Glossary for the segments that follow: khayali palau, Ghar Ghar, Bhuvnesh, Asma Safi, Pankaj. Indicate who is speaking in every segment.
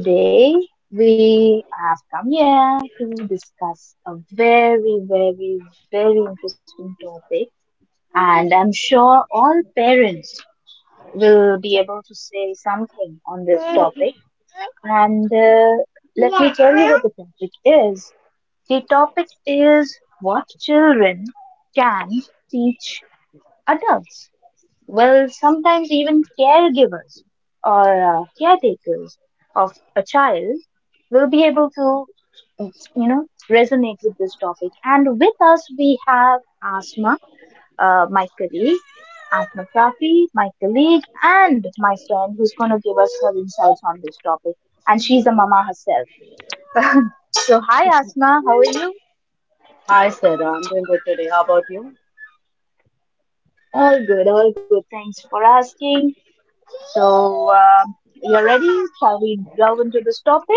Speaker 1: Today we have come here to discuss a very, very, very interesting topic, and I'm sure all parents will be able to say something on this topic. And let me tell you what the topic is. The topic is what children can teach adults. Well, sometimes even caregivers or caretakers of a child will be able to, resonate with this topic. And with us, we have Asma, my colleague, Asma Safi, my colleague, and my friend who's going to give us her insights on this topic. And she's a mama herself. So, hi, Asma, how are you?
Speaker 2: Today. How about you?
Speaker 1: All good, all good. Thanks for asking. So, you're ready? Shall we delve into this topic?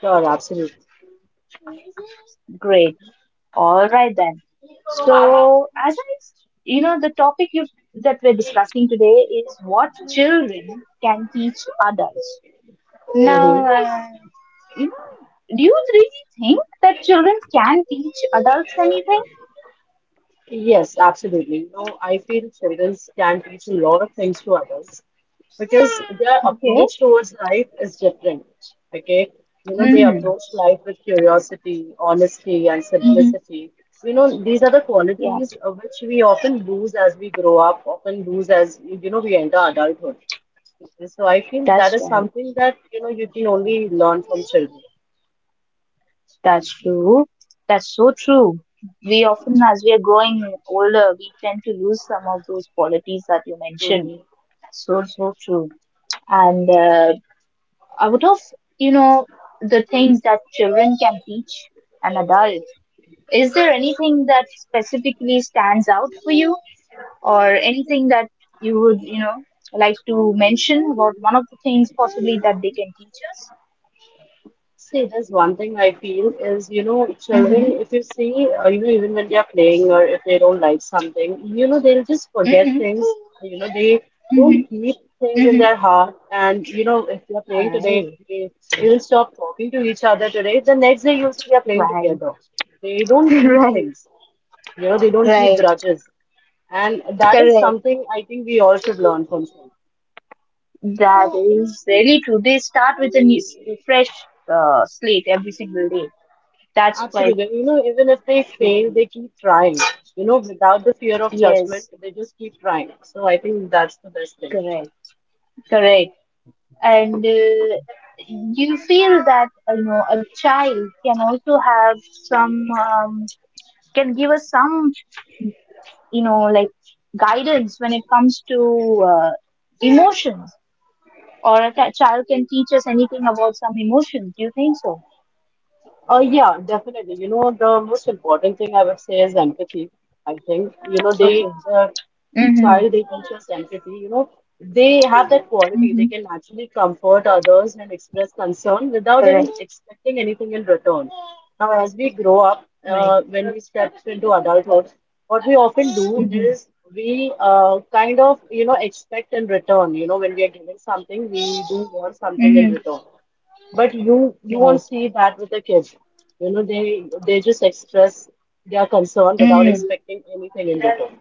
Speaker 2: Sure, absolutely.
Speaker 1: Great. All right then. So, the that we're discussing today is what children can teach adults.
Speaker 2: hmm
Speaker 1: Now, you know, do you really think that children can teach adults anything?
Speaker 2: Yes, absolutely. You know, I feel children can teach a lot of things to others because their
Speaker 1: Okay.
Speaker 2: approach towards life is different. Okay, you know, they
Speaker 1: Mm-hmm.
Speaker 2: approach life with curiosity, honesty, and
Speaker 1: Mm-hmm.
Speaker 2: simplicity. You know, these are the
Speaker 1: Yeah,
Speaker 2: qualities which we often lose as we grow up, often lose as you know we enter adulthood. So I feel that
Speaker 1: that's
Speaker 2: is
Speaker 1: right.
Speaker 2: something that you know you can only learn from children.
Speaker 1: That's true. That's so true. We often, as we are growing older, we tend to lose some of those qualities that you mentioned. So, so true. And out of, you know, the things that children can teach an adult, is there anything that specifically stands out for you or anything that you would, like to mention about one of the things possibly that they can teach us?
Speaker 2: See, there's one thing I feel is, you know,
Speaker 1: Mm-hmm.
Speaker 2: children, if you see, or you know, even when they are playing or if they don't like something, you know, they'll just forget
Speaker 1: Mm-hmm.
Speaker 2: things. You know, they
Speaker 1: Mm-hmm.
Speaker 2: don't keep things in
Speaker 1: Mm-hmm.
Speaker 2: their heart. And, you know, if they're playing today, if
Speaker 1: Right.
Speaker 2: they, they will stop talking to each other today. The next day, you'll see they're playing
Speaker 1: Right.
Speaker 2: together. They don't keep things. You know, they don't keep grudges. And that is something I think we all should learn from children.
Speaker 1: That is really true. They start with a new, fresh slate every single day. That's quite,
Speaker 2: Absolutely. You know, even if they fail, they keep trying. You know, without the fear of judgment,
Speaker 1: yes,
Speaker 2: they just keep trying. So I think that's the best thing.
Speaker 1: correct, correct. And you feel that, a child can also have some, can give us some, you know, like guidance when it comes to emotions. Or child can teach us anything about some emotions. Do you think so?
Speaker 2: Yeah, definitely. You know, the most important thing I would say is empathy. I think, you know,
Speaker 1: Okay. Mm-hmm.
Speaker 2: child, they teach us empathy. You know, they have that quality. They
Speaker 1: Mm-hmm.
Speaker 2: can actually comfort others and express concern without even
Speaker 1: Correct.
Speaker 2: expecting anything in return. Now, as we grow up,
Speaker 1: Right.
Speaker 2: when we step into adulthood, what we often do
Speaker 1: Mm-hmm.
Speaker 2: is we kind of, you know, expect in return. You know, when we are giving something, we do want something in
Speaker 1: Mm-hmm.
Speaker 2: return. But you won't
Speaker 1: Right.
Speaker 2: see that with the kids. You know, they just express their concern without
Speaker 1: Mm,
Speaker 2: expecting anything in return.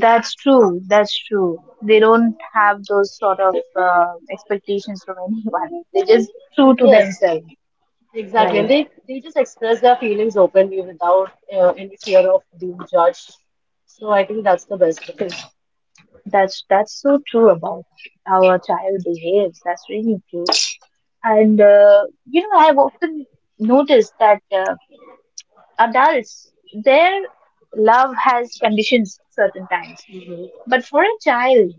Speaker 1: that's true. That's true. They don't have those sort of expectations from anyone. They're just true to
Speaker 2: Yes,
Speaker 1: themselves,
Speaker 2: exactly. And
Speaker 1: right?
Speaker 2: they just express their feelings openly without any fear of being judged. So I think that's the best thing.
Speaker 1: 'Cause that's so true about how a child behaves. That's really true. And I've often noticed that adults, their love has conditions certain times,
Speaker 2: Mhm.
Speaker 1: but for a child,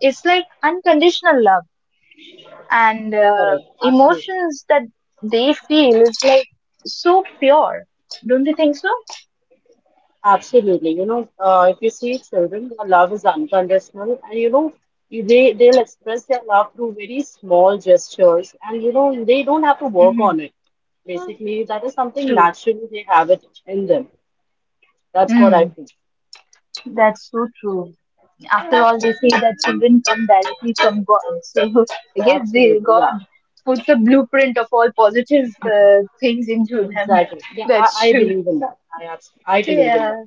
Speaker 1: it's like unconditional love and
Speaker 2: Correct. Absolutely.
Speaker 1: emotions that they feel is like so pure. Don't you think so?
Speaker 2: Absolutely. You know, if you see children, their love is unconditional, and you know, they'll express their love through very small gestures, and you know, they don't have to work
Speaker 1: Mm-hmm.
Speaker 2: on it. Basically, that is something
Speaker 1: True.
Speaker 2: naturally they have it in them. That's what I
Speaker 1: Mm.
Speaker 2: feel.
Speaker 1: That's so true. After all, they say that children come directly from God, so, I guess they,
Speaker 2: Absolutely.
Speaker 1: God
Speaker 2: Yeah.
Speaker 1: puts a blueprint of all positive things into them.
Speaker 2: Exactly. Yeah, I,
Speaker 1: That's
Speaker 2: I
Speaker 1: true.
Speaker 2: believe in that. I believe in
Speaker 1: Yeah,
Speaker 2: that.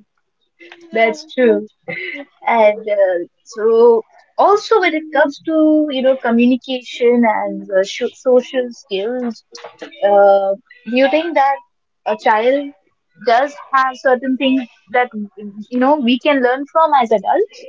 Speaker 1: that's true. And so also, when it comes to, communication and social skills, uh, do you think that a child does have certain things that, we can learn from as adults?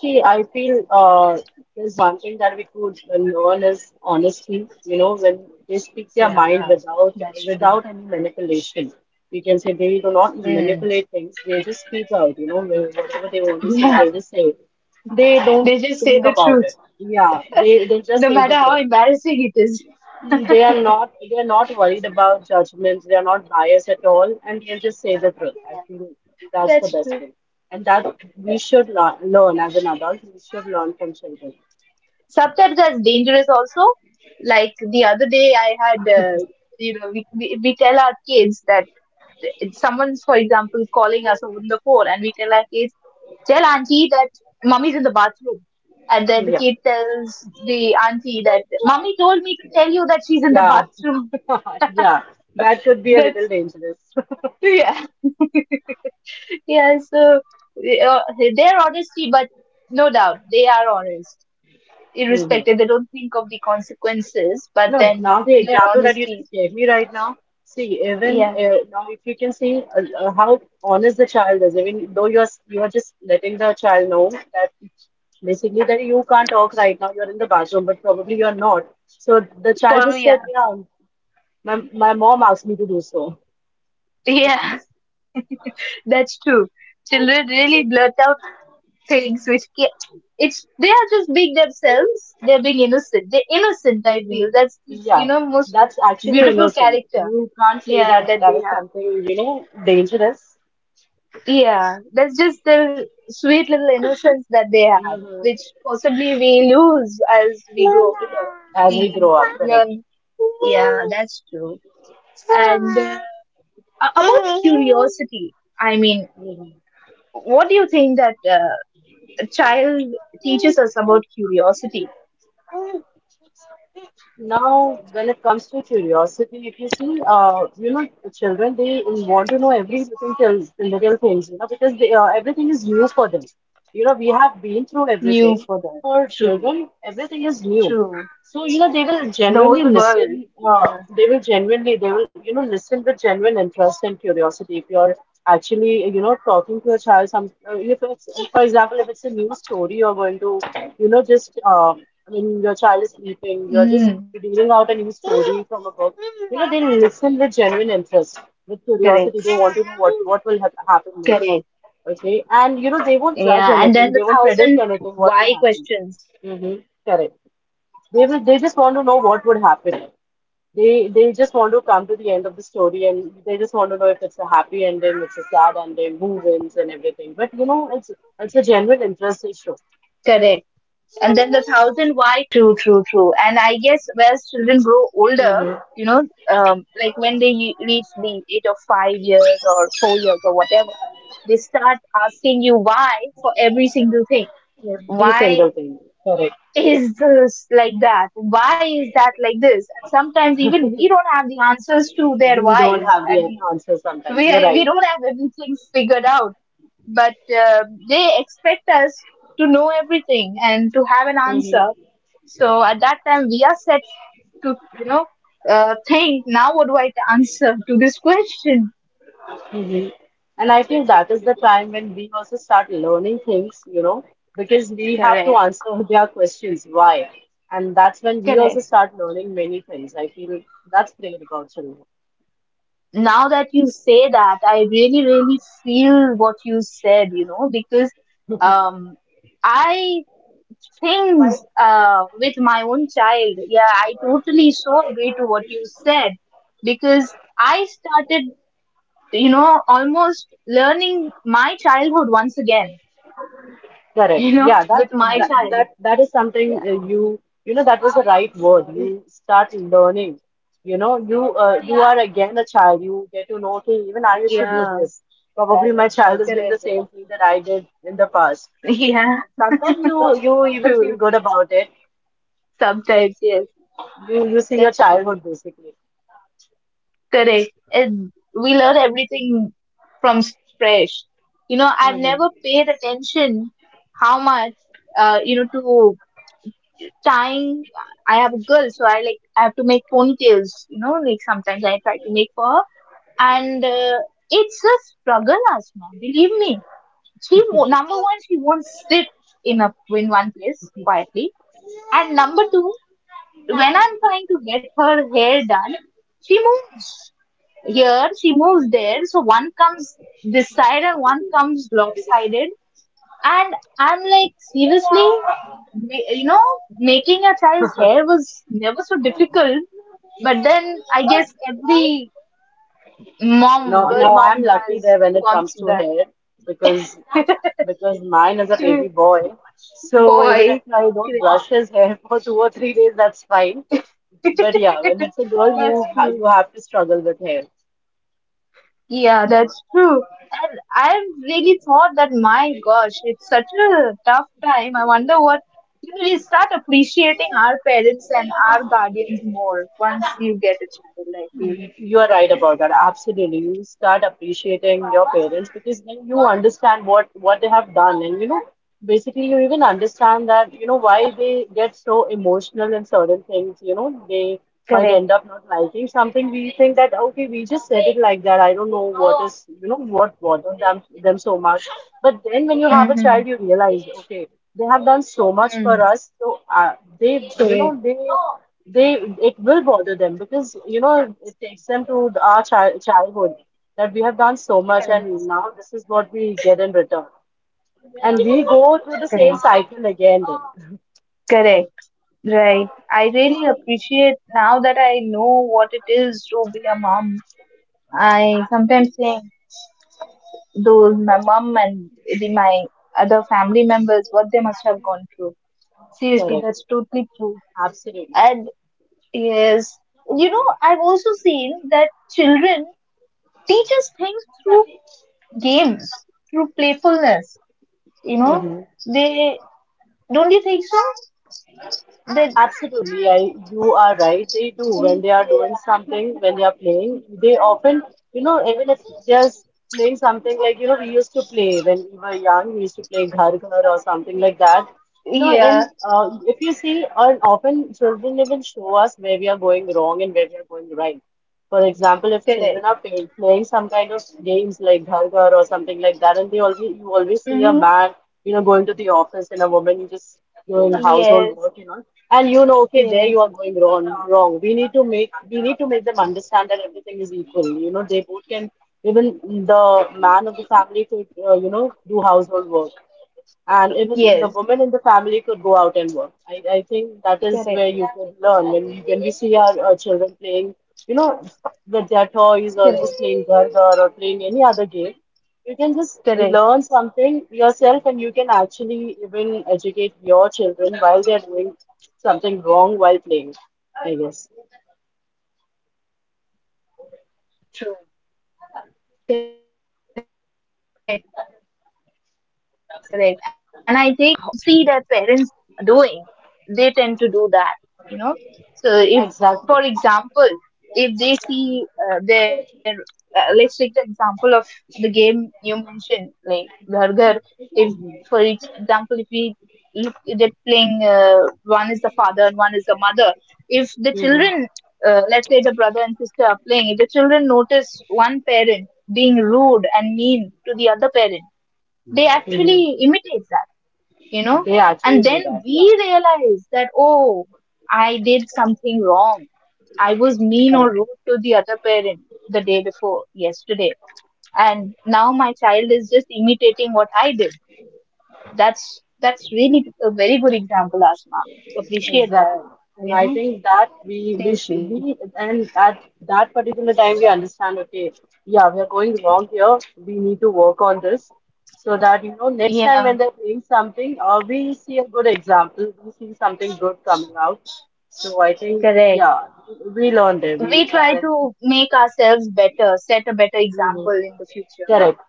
Speaker 2: See, I feel there's one thing that we could learn is honesty. You know, when they speak their mind
Speaker 1: Yeah,
Speaker 2: without
Speaker 1: that's true.
Speaker 2: without any manipulation, we can say they do not
Speaker 1: Mm.
Speaker 2: manipulate things. They just speak out. You know, whatever they want to say,
Speaker 1: Yeah,
Speaker 2: they just say. They don't
Speaker 1: they just say
Speaker 2: think
Speaker 1: the
Speaker 2: about it.
Speaker 1: truth,
Speaker 2: Yeah, they just
Speaker 1: no
Speaker 2: say
Speaker 1: matter
Speaker 2: the
Speaker 1: how
Speaker 2: truth.
Speaker 1: embarrassing it is.
Speaker 2: They are not worried about judgments, they are not biased at all, and they'll just say the truth. I
Speaker 1: Yeah,
Speaker 2: feel that's the
Speaker 1: that's
Speaker 2: best
Speaker 1: true.
Speaker 2: thing. And that we should learn, learn as an adult, we should learn from children.
Speaker 1: Sometimes that's dangerous also. Like the other day, I had, we tell our kids that it's someone's, for example, calling us over the phone, and we tell our kids, tell auntie that mummy's in the bathroom. And then the
Speaker 2: Yeah.
Speaker 1: kid tells the auntie that mummy told me to tell you that she's in the
Speaker 2: Yeah.
Speaker 1: bathroom.
Speaker 2: Yeah. That could be a little
Speaker 1: That's,
Speaker 2: dangerous.
Speaker 1: yeah. Yeah, so uh, their honesty, but no doubt they are honest,
Speaker 2: hmm
Speaker 1: irrespective. They don't think of the consequences, but
Speaker 2: No,
Speaker 1: then
Speaker 2: now the
Speaker 1: their
Speaker 2: example that you
Speaker 1: honesty.
Speaker 2: just gave me right now, see, even now if you can see how honest the child is, even though you're just letting the child know that it's basically that you can't talk right now, you're in the bathroom, but probably you're not. So the child just
Speaker 1: Probably, yeah.
Speaker 2: said, yeah, my mom asked me to do so.
Speaker 1: Yeah, that's true. Children really blurt out things which ca it's they are just being themselves. They're being innocent. They're innocent. I
Speaker 2: hmm
Speaker 1: feel that's,
Speaker 2: Yeah,
Speaker 1: most
Speaker 2: that's actually
Speaker 1: beautiful
Speaker 2: innocent.
Speaker 1: character.
Speaker 2: You can't say
Speaker 1: Yeah,
Speaker 2: that
Speaker 1: that
Speaker 2: that
Speaker 1: they
Speaker 2: is
Speaker 1: have.
Speaker 2: something, you know, dangerous.
Speaker 1: Yeah, that's just the sweet little innocence that they have,
Speaker 2: hmm
Speaker 1: which possibly we lose as we grow older.
Speaker 2: As we grow
Speaker 1: We
Speaker 2: up, correct.
Speaker 1: learn. Yeah, that's true. And about curiosity, I mean, what do you think that a child teaches us about curiosity?
Speaker 2: Now, when it comes to curiosity, if you see, you know, children, they want to know everything. Little things, you know, because everything is new for them. You know, we have
Speaker 1: New
Speaker 2: been
Speaker 1: for
Speaker 2: through
Speaker 1: them.
Speaker 2: everything.
Speaker 1: True,
Speaker 2: For children, everything
Speaker 1: true.
Speaker 2: is new. So, you know,
Speaker 1: The
Speaker 2: they
Speaker 1: whole
Speaker 2: will
Speaker 1: world.
Speaker 2: genuinely
Speaker 1: Yeah.
Speaker 2: listen. They will genuinely, they will, you know, listen with genuine interest and curiosity. If you're actually you know talking to a child some if it's for example if it's a new story you're going to you know just I mean your child is
Speaker 1: Mm,
Speaker 2: sleeping you're just reading out a new story from a book, you know they listen with genuine
Speaker 1: correct,
Speaker 2: interest, with curiosity they want to know what
Speaker 1: correct.
Speaker 2: will happen next. Okay,
Speaker 1: Yeah,
Speaker 2: and
Speaker 1: and
Speaker 2: you know
Speaker 1: then the
Speaker 2: they won't judge
Speaker 1: thousand
Speaker 2: anything, they won't
Speaker 1: why
Speaker 2: predict anything,
Speaker 1: questions.
Speaker 2: what will happen. Mm-hmm. Correct.
Speaker 1: Correct.
Speaker 2: They
Speaker 1: And
Speaker 2: will,
Speaker 1: then the
Speaker 2: they just want to
Speaker 1: thousand
Speaker 2: know
Speaker 1: why
Speaker 2: what would happen.
Speaker 1: questions.
Speaker 2: They just want to come to
Speaker 1: That's
Speaker 2: the end of the
Speaker 1: true.
Speaker 2: story and they just want to know if it's a happy ending, it's a sad ending, who wins and everything. But you know, it's a genuine
Speaker 1: True,
Speaker 2: interest they show.
Speaker 1: true, true, true. And I guess as children grow older, you know,
Speaker 2: Mm-hmm.
Speaker 1: like when they reach the age of 5 years or 4 years or whatever, they start asking you why for every single thing.
Speaker 2: Every
Speaker 1: Why
Speaker 2: single thing. Correct.
Speaker 1: is this like that? Why is that like this? And sometimes even we don't have the answers to their
Speaker 2: We don't
Speaker 1: whys.
Speaker 2: have
Speaker 1: I
Speaker 2: the
Speaker 1: mean,
Speaker 2: answer
Speaker 1: we
Speaker 2: sometimes. You're
Speaker 1: we
Speaker 2: right.
Speaker 1: don't have everything figured out, but they expect us to know everything and to have an answer.
Speaker 2: Mhm.
Speaker 1: So at that time, we are set to, think now. What do I answer to this question?
Speaker 2: Mhm. And I think that is the time when we also start learning things, you know, because we have to
Speaker 1: Correct,
Speaker 2: answer their questions, why? And that's when we also
Speaker 1: correct.
Speaker 2: start learning many things. I feel that's great about children.
Speaker 1: Now that you say that, I really, really feel what you said. You know, because um, I things with my own child. Yeah, I totally so agree to what you said because I started, almost learning my childhood once again,
Speaker 2: Correct. Yeah,
Speaker 1: with my child.
Speaker 2: that is something
Speaker 1: Yeah,
Speaker 2: you you know that was the right word. You start learning. You know, you are again a child. You get to know, okay, even I used to do
Speaker 1: yeah,
Speaker 2: this. Probably my child is doing the
Speaker 1: correct.
Speaker 2: same thing that I did in the past.
Speaker 1: Yeah,
Speaker 2: Sometimes you even feel
Speaker 1: true.
Speaker 2: good about it.
Speaker 1: Sometimes, yes,
Speaker 2: You see your
Speaker 1: that's true.
Speaker 2: childhood basically.
Speaker 1: Correct. And we learn everything from scratch. You know, I've
Speaker 2: Mhm.
Speaker 1: never paid attention how much, to tying. I have a girl, so I, like, I have to make ponytails, sometimes I try to make for her. And it's a struggle, Asma, believe me. She number one, she won't sit in a in one place quietly. And number two, when I'm trying to get her hair done, she moves here, she moves there, so one comes this side and one comes lopsided. And I'm like, seriously, Ma- you know, making a child's hair was never so difficult. But then I guess every mom,
Speaker 2: No,
Speaker 1: girl
Speaker 2: no,
Speaker 1: mom,
Speaker 2: I'm lucky
Speaker 1: has
Speaker 2: there when it
Speaker 1: gone
Speaker 2: comes to hair because
Speaker 1: through that.
Speaker 2: because mine is a baby boy. So even if
Speaker 1: Boy,
Speaker 2: I don't
Speaker 1: great.
Speaker 2: brush his hair for 2 or 3 days, that's fine. But yeah, when it's a girl,
Speaker 1: That's true.
Speaker 2: you have to struggle with hair.
Speaker 1: Yeah, that's true. And I really thought that, my gosh, it's such a tough time. I wonder what, We start appreciating our parents and our guardians more once you get a child, I feel.
Speaker 2: You are right about that. Absolutely. You start appreciating your parents because then you understand what they have done and you know basically you even understand that you know why they get so emotional in certain things, you know, they might
Speaker 1: Correct.
Speaker 2: end up not liking something. We think that okay, we just said it like that. I don't know what is, you know, what bothered them so much. But then when you have a
Speaker 1: Mm-hmm.
Speaker 2: child, you realize, okay, they have done so much for
Speaker 1: Mm.
Speaker 2: us. So they, you know,
Speaker 1: Correct.
Speaker 2: they it will bother them because you know it, it takes them to our childhood that we have done so much and
Speaker 1: Correct.
Speaker 2: now this is what we get in return and we go through the same cycle again then.
Speaker 1: Correct. Right. I really appreciate now that I know what it is to be a mom. I sometimes think those, my mom and the, my other family members, what they must have gone through. Seriously,
Speaker 2: Correct.
Speaker 1: that's totally true.
Speaker 2: Absolutely.
Speaker 1: And yes, I've also seen that children teach us things through games, through playfulness. You know,
Speaker 2: hmm
Speaker 1: they don't you think so? That
Speaker 2: Absolutely, you are right. They do when they are doing something, when they are playing. They often, you know, even if just playing something like, you know, we used to play when we were young, we used to play ghar ghar or something like that. You know,
Speaker 1: yeah.
Speaker 2: and if you see, and often children even show us where we are going wrong and where we are going right. For example, if children
Speaker 1: Correct.
Speaker 2: are playing, playing some kind of games like ghar ghar or something like that, and they always you always see a
Speaker 1: Mm-hmm.
Speaker 2: man, you know, going to the office and a woman just doing household
Speaker 1: Yes,
Speaker 2: work, you know, and you know, okay, there you
Speaker 1: yes,
Speaker 2: are going wrong. Wrong. We need to make them understand that everything is equal. You know, they both can even the man of the family could you know do household work, and even the
Speaker 1: yes.
Speaker 2: women in the family could go out and work. I think that is where
Speaker 1: Correct,
Speaker 2: you could learn when you when we see our, children playing, you know, with their toys or just
Speaker 1: correct,
Speaker 2: playing garda or playing any other game. You can just
Speaker 1: correct.
Speaker 2: learn something yourself, and you can actually even educate your children while they're doing something wrong while playing.
Speaker 1: True.
Speaker 2: I guess
Speaker 1: Correct, correct. And I think they are the best mirrors of, uh, you know, our own society because it, whatever they see their parents doing, they tend to do that, you know. So if,
Speaker 2: exactly.
Speaker 1: for example, if they see their, let's take the example of the game you mentioned, like Ghar Ghar. If, for example, if we look, they're playing, one is the father and one is the mother. If the
Speaker 2: hmm
Speaker 1: children, let's say the brother and sister are playing, if the children notice one parent being rude and mean to the other parent, they
Speaker 2: hmm
Speaker 1: actually imitate that, you know.
Speaker 2: They
Speaker 1: And
Speaker 2: actually do
Speaker 1: then
Speaker 2: that. Yeah,
Speaker 1: we realize that, oh, I did something wrong. I was mean or
Speaker 2: correct.
Speaker 1: rude to the other parent the day before, yesterday. And now my child is just imitating what I did. That's really a very good example, Asma. Appreciate
Speaker 2: Exactly.
Speaker 1: that,
Speaker 2: And
Speaker 1: you
Speaker 2: I
Speaker 1: know,
Speaker 2: think that we wish
Speaker 1: seriously.
Speaker 2: we and at that particular time we understand, okay, yeah, we are going wrong here. We need to work on this so that you know next time
Speaker 1: Yeah,
Speaker 2: when they're playing something, or we see a good example, we see something good coming out. So I think
Speaker 1: correct.
Speaker 2: yeah, we learned there.
Speaker 1: We try to make ourselves better, set a better
Speaker 2: We,
Speaker 1: example in the future.
Speaker 2: correct.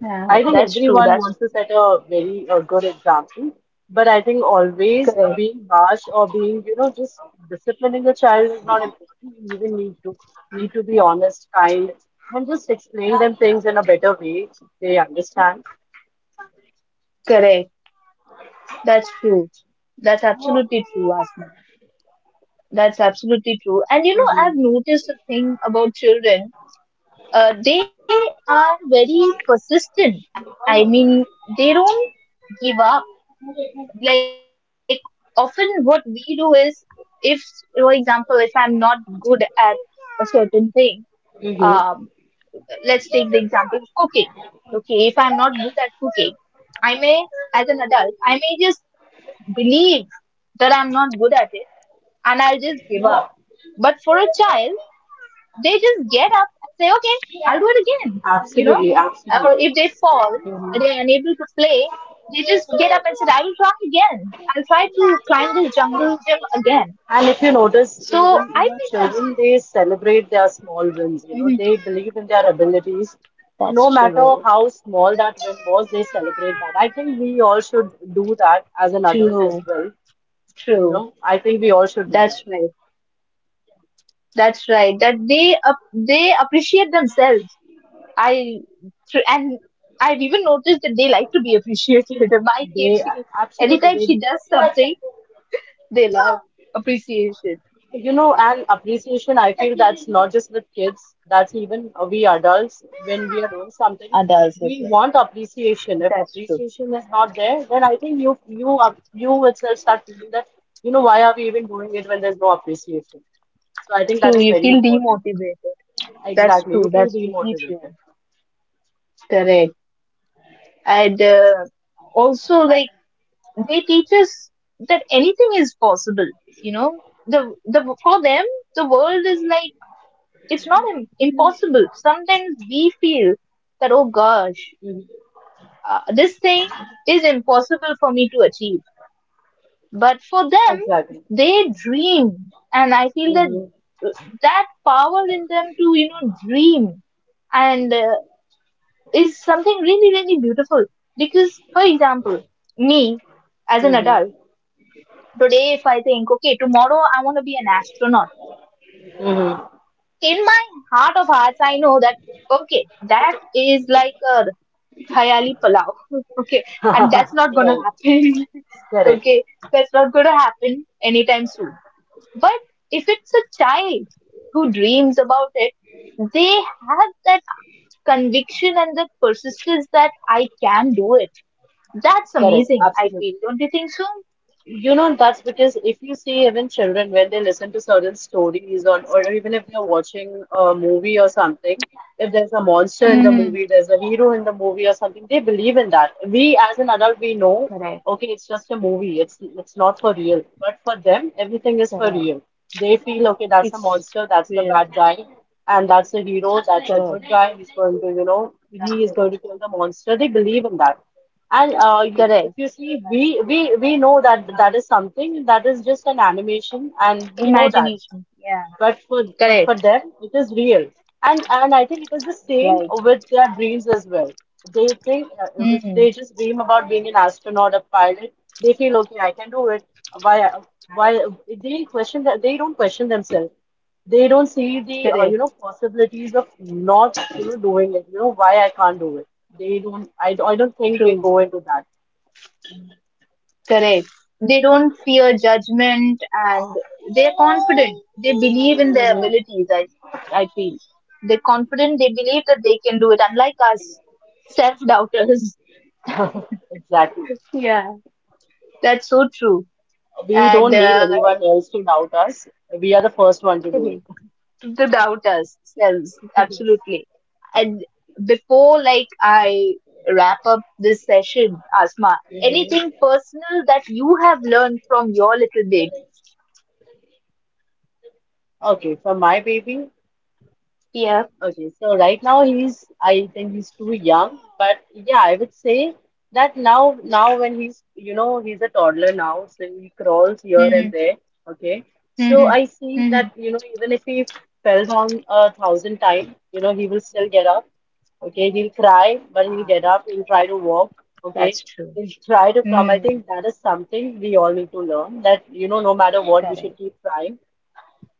Speaker 1: Yeah,
Speaker 2: I think
Speaker 1: that's true,
Speaker 2: everyone
Speaker 1: that's
Speaker 2: wants to
Speaker 1: true.
Speaker 2: set a very good example, but I think always
Speaker 1: Correct,
Speaker 2: being harsh or being, you know, just disciplining a child is not important. You even need to be honest, kind, and just explain them things in a better way. They understand.
Speaker 1: correct. That's true. That's absolutely true, Asma. That's absolutely true. And
Speaker 2: Mm-hmm.
Speaker 1: I've noticed a thing about children. They are very persistent. I mean, they don't give up. Like, often what we do is, if, for example, if I'm not good at a certain thing,
Speaker 2: Mm-hmm.
Speaker 1: um, let's take the example of cooking. Okay, if I'm not good at cooking, I may, as an adult, I may just believe that I'm not good at it, and I'll just give up. But for a child, they just get up and say, okay, I'll do it again. You know,
Speaker 2: Absolutely,
Speaker 1: or
Speaker 2: absolutely.
Speaker 1: if they fall,
Speaker 2: Mm-hmm.
Speaker 1: they're unable to play, they just get up and said, I will try again. I'll try to climb this jungle gym again.
Speaker 2: And if you notice,
Speaker 1: So
Speaker 2: even
Speaker 1: I
Speaker 2: you know,
Speaker 1: think that's,
Speaker 2: children they celebrate their small wins. You know,
Speaker 1: mhm,
Speaker 2: they believe in their abilities, no
Speaker 1: that's
Speaker 2: matter
Speaker 1: true.
Speaker 2: how small that win was. They celebrate that. I think we all should do that as an adult as
Speaker 1: True.
Speaker 2: well. You
Speaker 1: True.
Speaker 2: know, I think we all should do
Speaker 1: That's
Speaker 2: that.
Speaker 1: right. That's right. That they, up, they appreciate themselves. I, and I've even noticed that they like to be appreciated. My
Speaker 2: They
Speaker 1: kids, she, anytime
Speaker 2: absolutely.
Speaker 1: she does something, they love appreciation
Speaker 2: You know, and appreciation, I feel that's not just with kids, that's even we adults, when we are doing something,
Speaker 1: and others as
Speaker 2: we
Speaker 1: well.
Speaker 2: want appreciation. If
Speaker 1: That's true.
Speaker 2: appreciation is not there, then I think you itself start feeling that, you know, why are we even doing it when there's no appreciation? So I think that
Speaker 1: True,
Speaker 2: is
Speaker 1: you
Speaker 2: very
Speaker 1: feel
Speaker 2: important.
Speaker 1: demotivated. That's
Speaker 2: Exactly.
Speaker 1: true.
Speaker 2: You feel
Speaker 1: That's really
Speaker 2: demotivated.
Speaker 1: true. Correct. And also, like, they teach us that anything is possible. You know, the for them the world is like it's not impossible. Sometimes we feel that, oh gosh,
Speaker 2: Hmm.
Speaker 1: this thing is impossible for me to achieve. But for them,
Speaker 2: Exactly.
Speaker 1: they dream. And I feel that
Speaker 2: Mm-hmm.
Speaker 1: uh, that power in them to, dream and is something really, really beautiful. Because, for example, me as an
Speaker 2: Mm-hmm.
Speaker 1: adult, today if I think, okay, tomorrow I want to be an astronaut,
Speaker 2: Mm-hmm.
Speaker 1: in my heart of hearts, I know that, okay, that is like a khayali palau. Okay, and that's not gonna
Speaker 2: Right.
Speaker 1: happen.
Speaker 2: Correct.
Speaker 1: Okay, that's not gonna happen anytime soon. But if it's a child who dreams about it, they have that conviction and the persistence that I can do it. That's
Speaker 2: Correct.
Speaker 1: amazing, I feel.
Speaker 2: Absolutely.
Speaker 1: Don't you think so?
Speaker 2: You know, that's because if you see even children when they listen to certain stories on, or even if they're watching a movie or something, if there's a monster in the
Speaker 1: Mm-hmm.
Speaker 2: movie, there's a hero in the movie or something, they believe in that. We as an adult, we know,
Speaker 1: Correct,
Speaker 2: okay, it's just a movie. It's not for real. But for them, everything is for
Speaker 1: correct.
Speaker 2: real. They feel, okay, that's a
Speaker 1: It's
Speaker 2: monster, that's the
Speaker 1: real.
Speaker 2: bad guy, and that's the hero, that's the
Speaker 1: Correct,
Speaker 2: good guy. He's going to, you know, he is going to kill the monster. They believe in that. And if
Speaker 1: correct.
Speaker 2: you see, we know that that is something that is just an animation, and we know that
Speaker 1: Imagination. Yeah,
Speaker 2: but for
Speaker 1: correct.
Speaker 2: them it is real, and I think it is the same
Speaker 1: Right.
Speaker 2: with their dreams as well. They think if they
Speaker 1: Mm,
Speaker 2: just dream about being an astronaut, a pilot, they feel, okay, I can do it. Why why they question that? They don't question themselves. They don't see the
Speaker 1: correct.
Speaker 2: possibilities of not doing it. You know, why I can't do it? They don't, I don't think they
Speaker 1: True.
Speaker 2: go into that.
Speaker 1: Correct. They don't fear judgment and they're confident. They believe in their
Speaker 2: Hmm.
Speaker 1: abilities, I feel. They're confident, they believe that they can do it, unlike us, self doubters.
Speaker 2: Exactly.
Speaker 1: Yeah, that's so true.
Speaker 2: We
Speaker 1: And
Speaker 2: don't need anyone else to doubt us. We are the first one to do it.
Speaker 1: correct. To doubt ourselves, absolutely. And before, like, I wrap up this session, Asma, anything
Speaker 2: Mhm.
Speaker 1: personal that you have learned from your little baby?
Speaker 2: Okay, for my baby.
Speaker 1: Yeah.
Speaker 2: Okay, so right now he's, I think he's too young, but yeah, I would say that now, when he's, you know, he's a toddler now, so he crawls here
Speaker 1: Hmm.
Speaker 2: and there. Okay, so I see
Speaker 1: Hmm.
Speaker 2: that, you know, even if he fell down 1,000 times, you know, he will still get up. Okay, he'll cry, but he'll
Speaker 1: Ah,
Speaker 2: get up, he'll try to walk. Okay,
Speaker 1: that's true.
Speaker 2: he'll try to come. I
Speaker 1: Mm,
Speaker 2: think that is something we all need to learn that, you know, no matter what, you should
Speaker 1: correct.
Speaker 2: keep trying.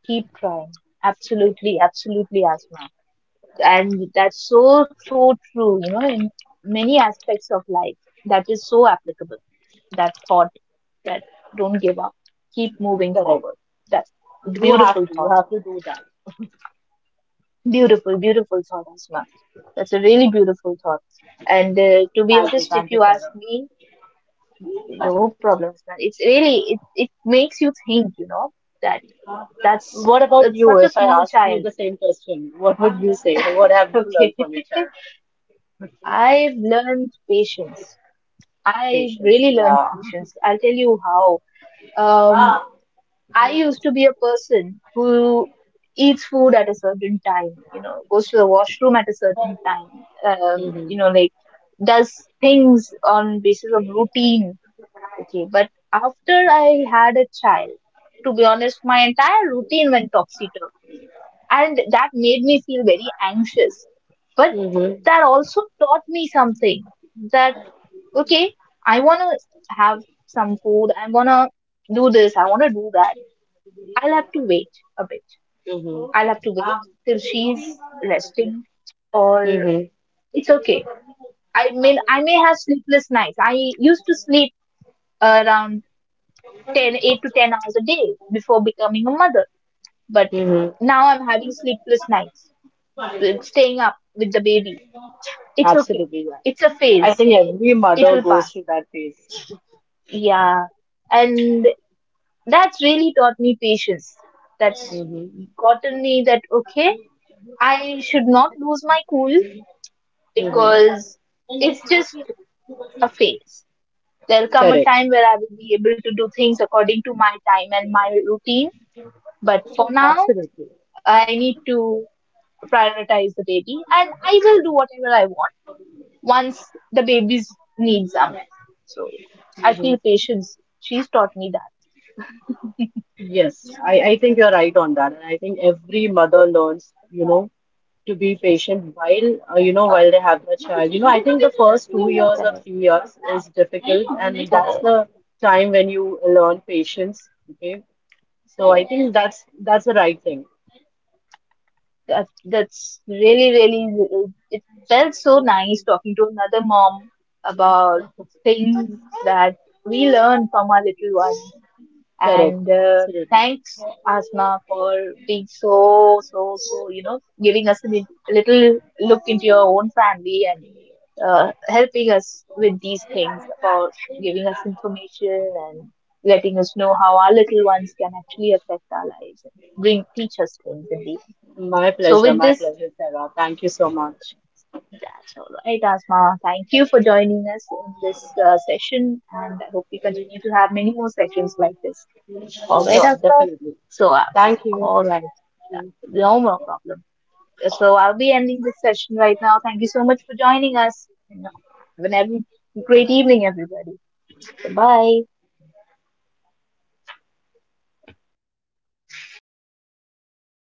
Speaker 1: Keep trying. Absolutely, absolutely, Asma. And that's so, so true, you know, in many aspects of life. That is so applicable. That thought that don't give up. Keep moving
Speaker 2: Correct.
Speaker 1: forward. That's a beautiful
Speaker 2: You
Speaker 1: thought.
Speaker 2: have to do that.
Speaker 1: Beautiful, beautiful thought, Asma. That's a really beautiful thought. And to be honest, if
Speaker 2: Thank you,
Speaker 1: you ask
Speaker 2: Sarah.
Speaker 1: me, no problems, man. It's really, it makes you think, you know, that. That's
Speaker 2: What about
Speaker 1: that's
Speaker 2: you?
Speaker 1: such a
Speaker 2: If I
Speaker 1: small
Speaker 2: ask you
Speaker 1: child.
Speaker 2: the same question, what would you say? What have you learned
Speaker 1: Okay.
Speaker 2: from your child?
Speaker 1: I've learned patience. I
Speaker 2: Patience.
Speaker 1: really learned
Speaker 2: Yeah.
Speaker 1: patience. I'll tell you how. Um, I used to be a person who eats food at a certain time, you know, goes to the washroom at a certain time, you
Speaker 2: Mm-hmm.
Speaker 1: know, like does things on basis of routine. Okay, but after I had a child, to be honest, my entire routine went topsy turvy. And that made me feel very anxious. But
Speaker 2: Mm-hmm.
Speaker 1: that also taught me something that, okay, I want to have some food, I want to do this, I want to do that. I'll have to wait a bit. I'll have to
Speaker 2: Mm-hmm.
Speaker 1: wait till she's resting, or
Speaker 2: Mm-hmm.
Speaker 1: it's okay. I mean, I may have sleepless nights. I used to sleep around 10, 8 to 10 hours a day before becoming a mother, but
Speaker 2: Mm-hmm.
Speaker 1: now I'm having sleepless nights staying up with the baby. It's okay,
Speaker 2: Absolutely.
Speaker 1: it's a
Speaker 2: Yeah. I
Speaker 1: phase,
Speaker 2: think every
Speaker 1: it
Speaker 2: mother
Speaker 1: will
Speaker 2: goes
Speaker 1: pass.
Speaker 2: through that phase.
Speaker 1: Yeah, and that's really taught me patience. That's
Speaker 2: Mm-hmm.
Speaker 1: gotten me that okay, I should not lose my cool because
Speaker 2: Mm-hmm.
Speaker 1: it's just a phase. There'll come a
Speaker 2: Correct.
Speaker 1: time where I will be able to do things according to my time and my routine, but for now
Speaker 2: Absolutely.
Speaker 1: I need to prioritize the baby and I will do whatever I want once the baby's needs are met. So yeah, I
Speaker 2: Mm-hmm.
Speaker 1: feel patience. She's taught me that.
Speaker 2: Yes, I think you're right on that. And I think every mother learns, you know, to be patient while, you know, while they have their child. You know, I think the first 2 years or 3 years is difficult, and that's the time when you learn patience. Okay. So I think that's the right thing.
Speaker 1: That's really, really, it felt so nice talking to another mom about things that we learn from our little one.
Speaker 2: Correct.
Speaker 1: And
Speaker 2: Absolutely.
Speaker 1: thanks, Asma, for being so, so, so, you know, giving us a little look into your own family, and helping us with these things about giving us information and letting us know how our little ones can actually affect our lives and bring teach us things in the end.
Speaker 2: My
Speaker 1: So
Speaker 2: pleasure.
Speaker 1: with
Speaker 2: My
Speaker 1: this,
Speaker 2: pleasure, Sarah. Thank you so much.
Speaker 1: that's all right, Asma. Thank you for joining us in this session, and I hope we continue to have many more sessions like this. All right,
Speaker 2: Sure,
Speaker 1: Asma.
Speaker 2: definitely.
Speaker 1: So uh,
Speaker 2: Thank you.
Speaker 1: all right, no more problem. So I'll be ending this session right now. Thank you so much for joining us. Have an every great evening, everybody. Bye.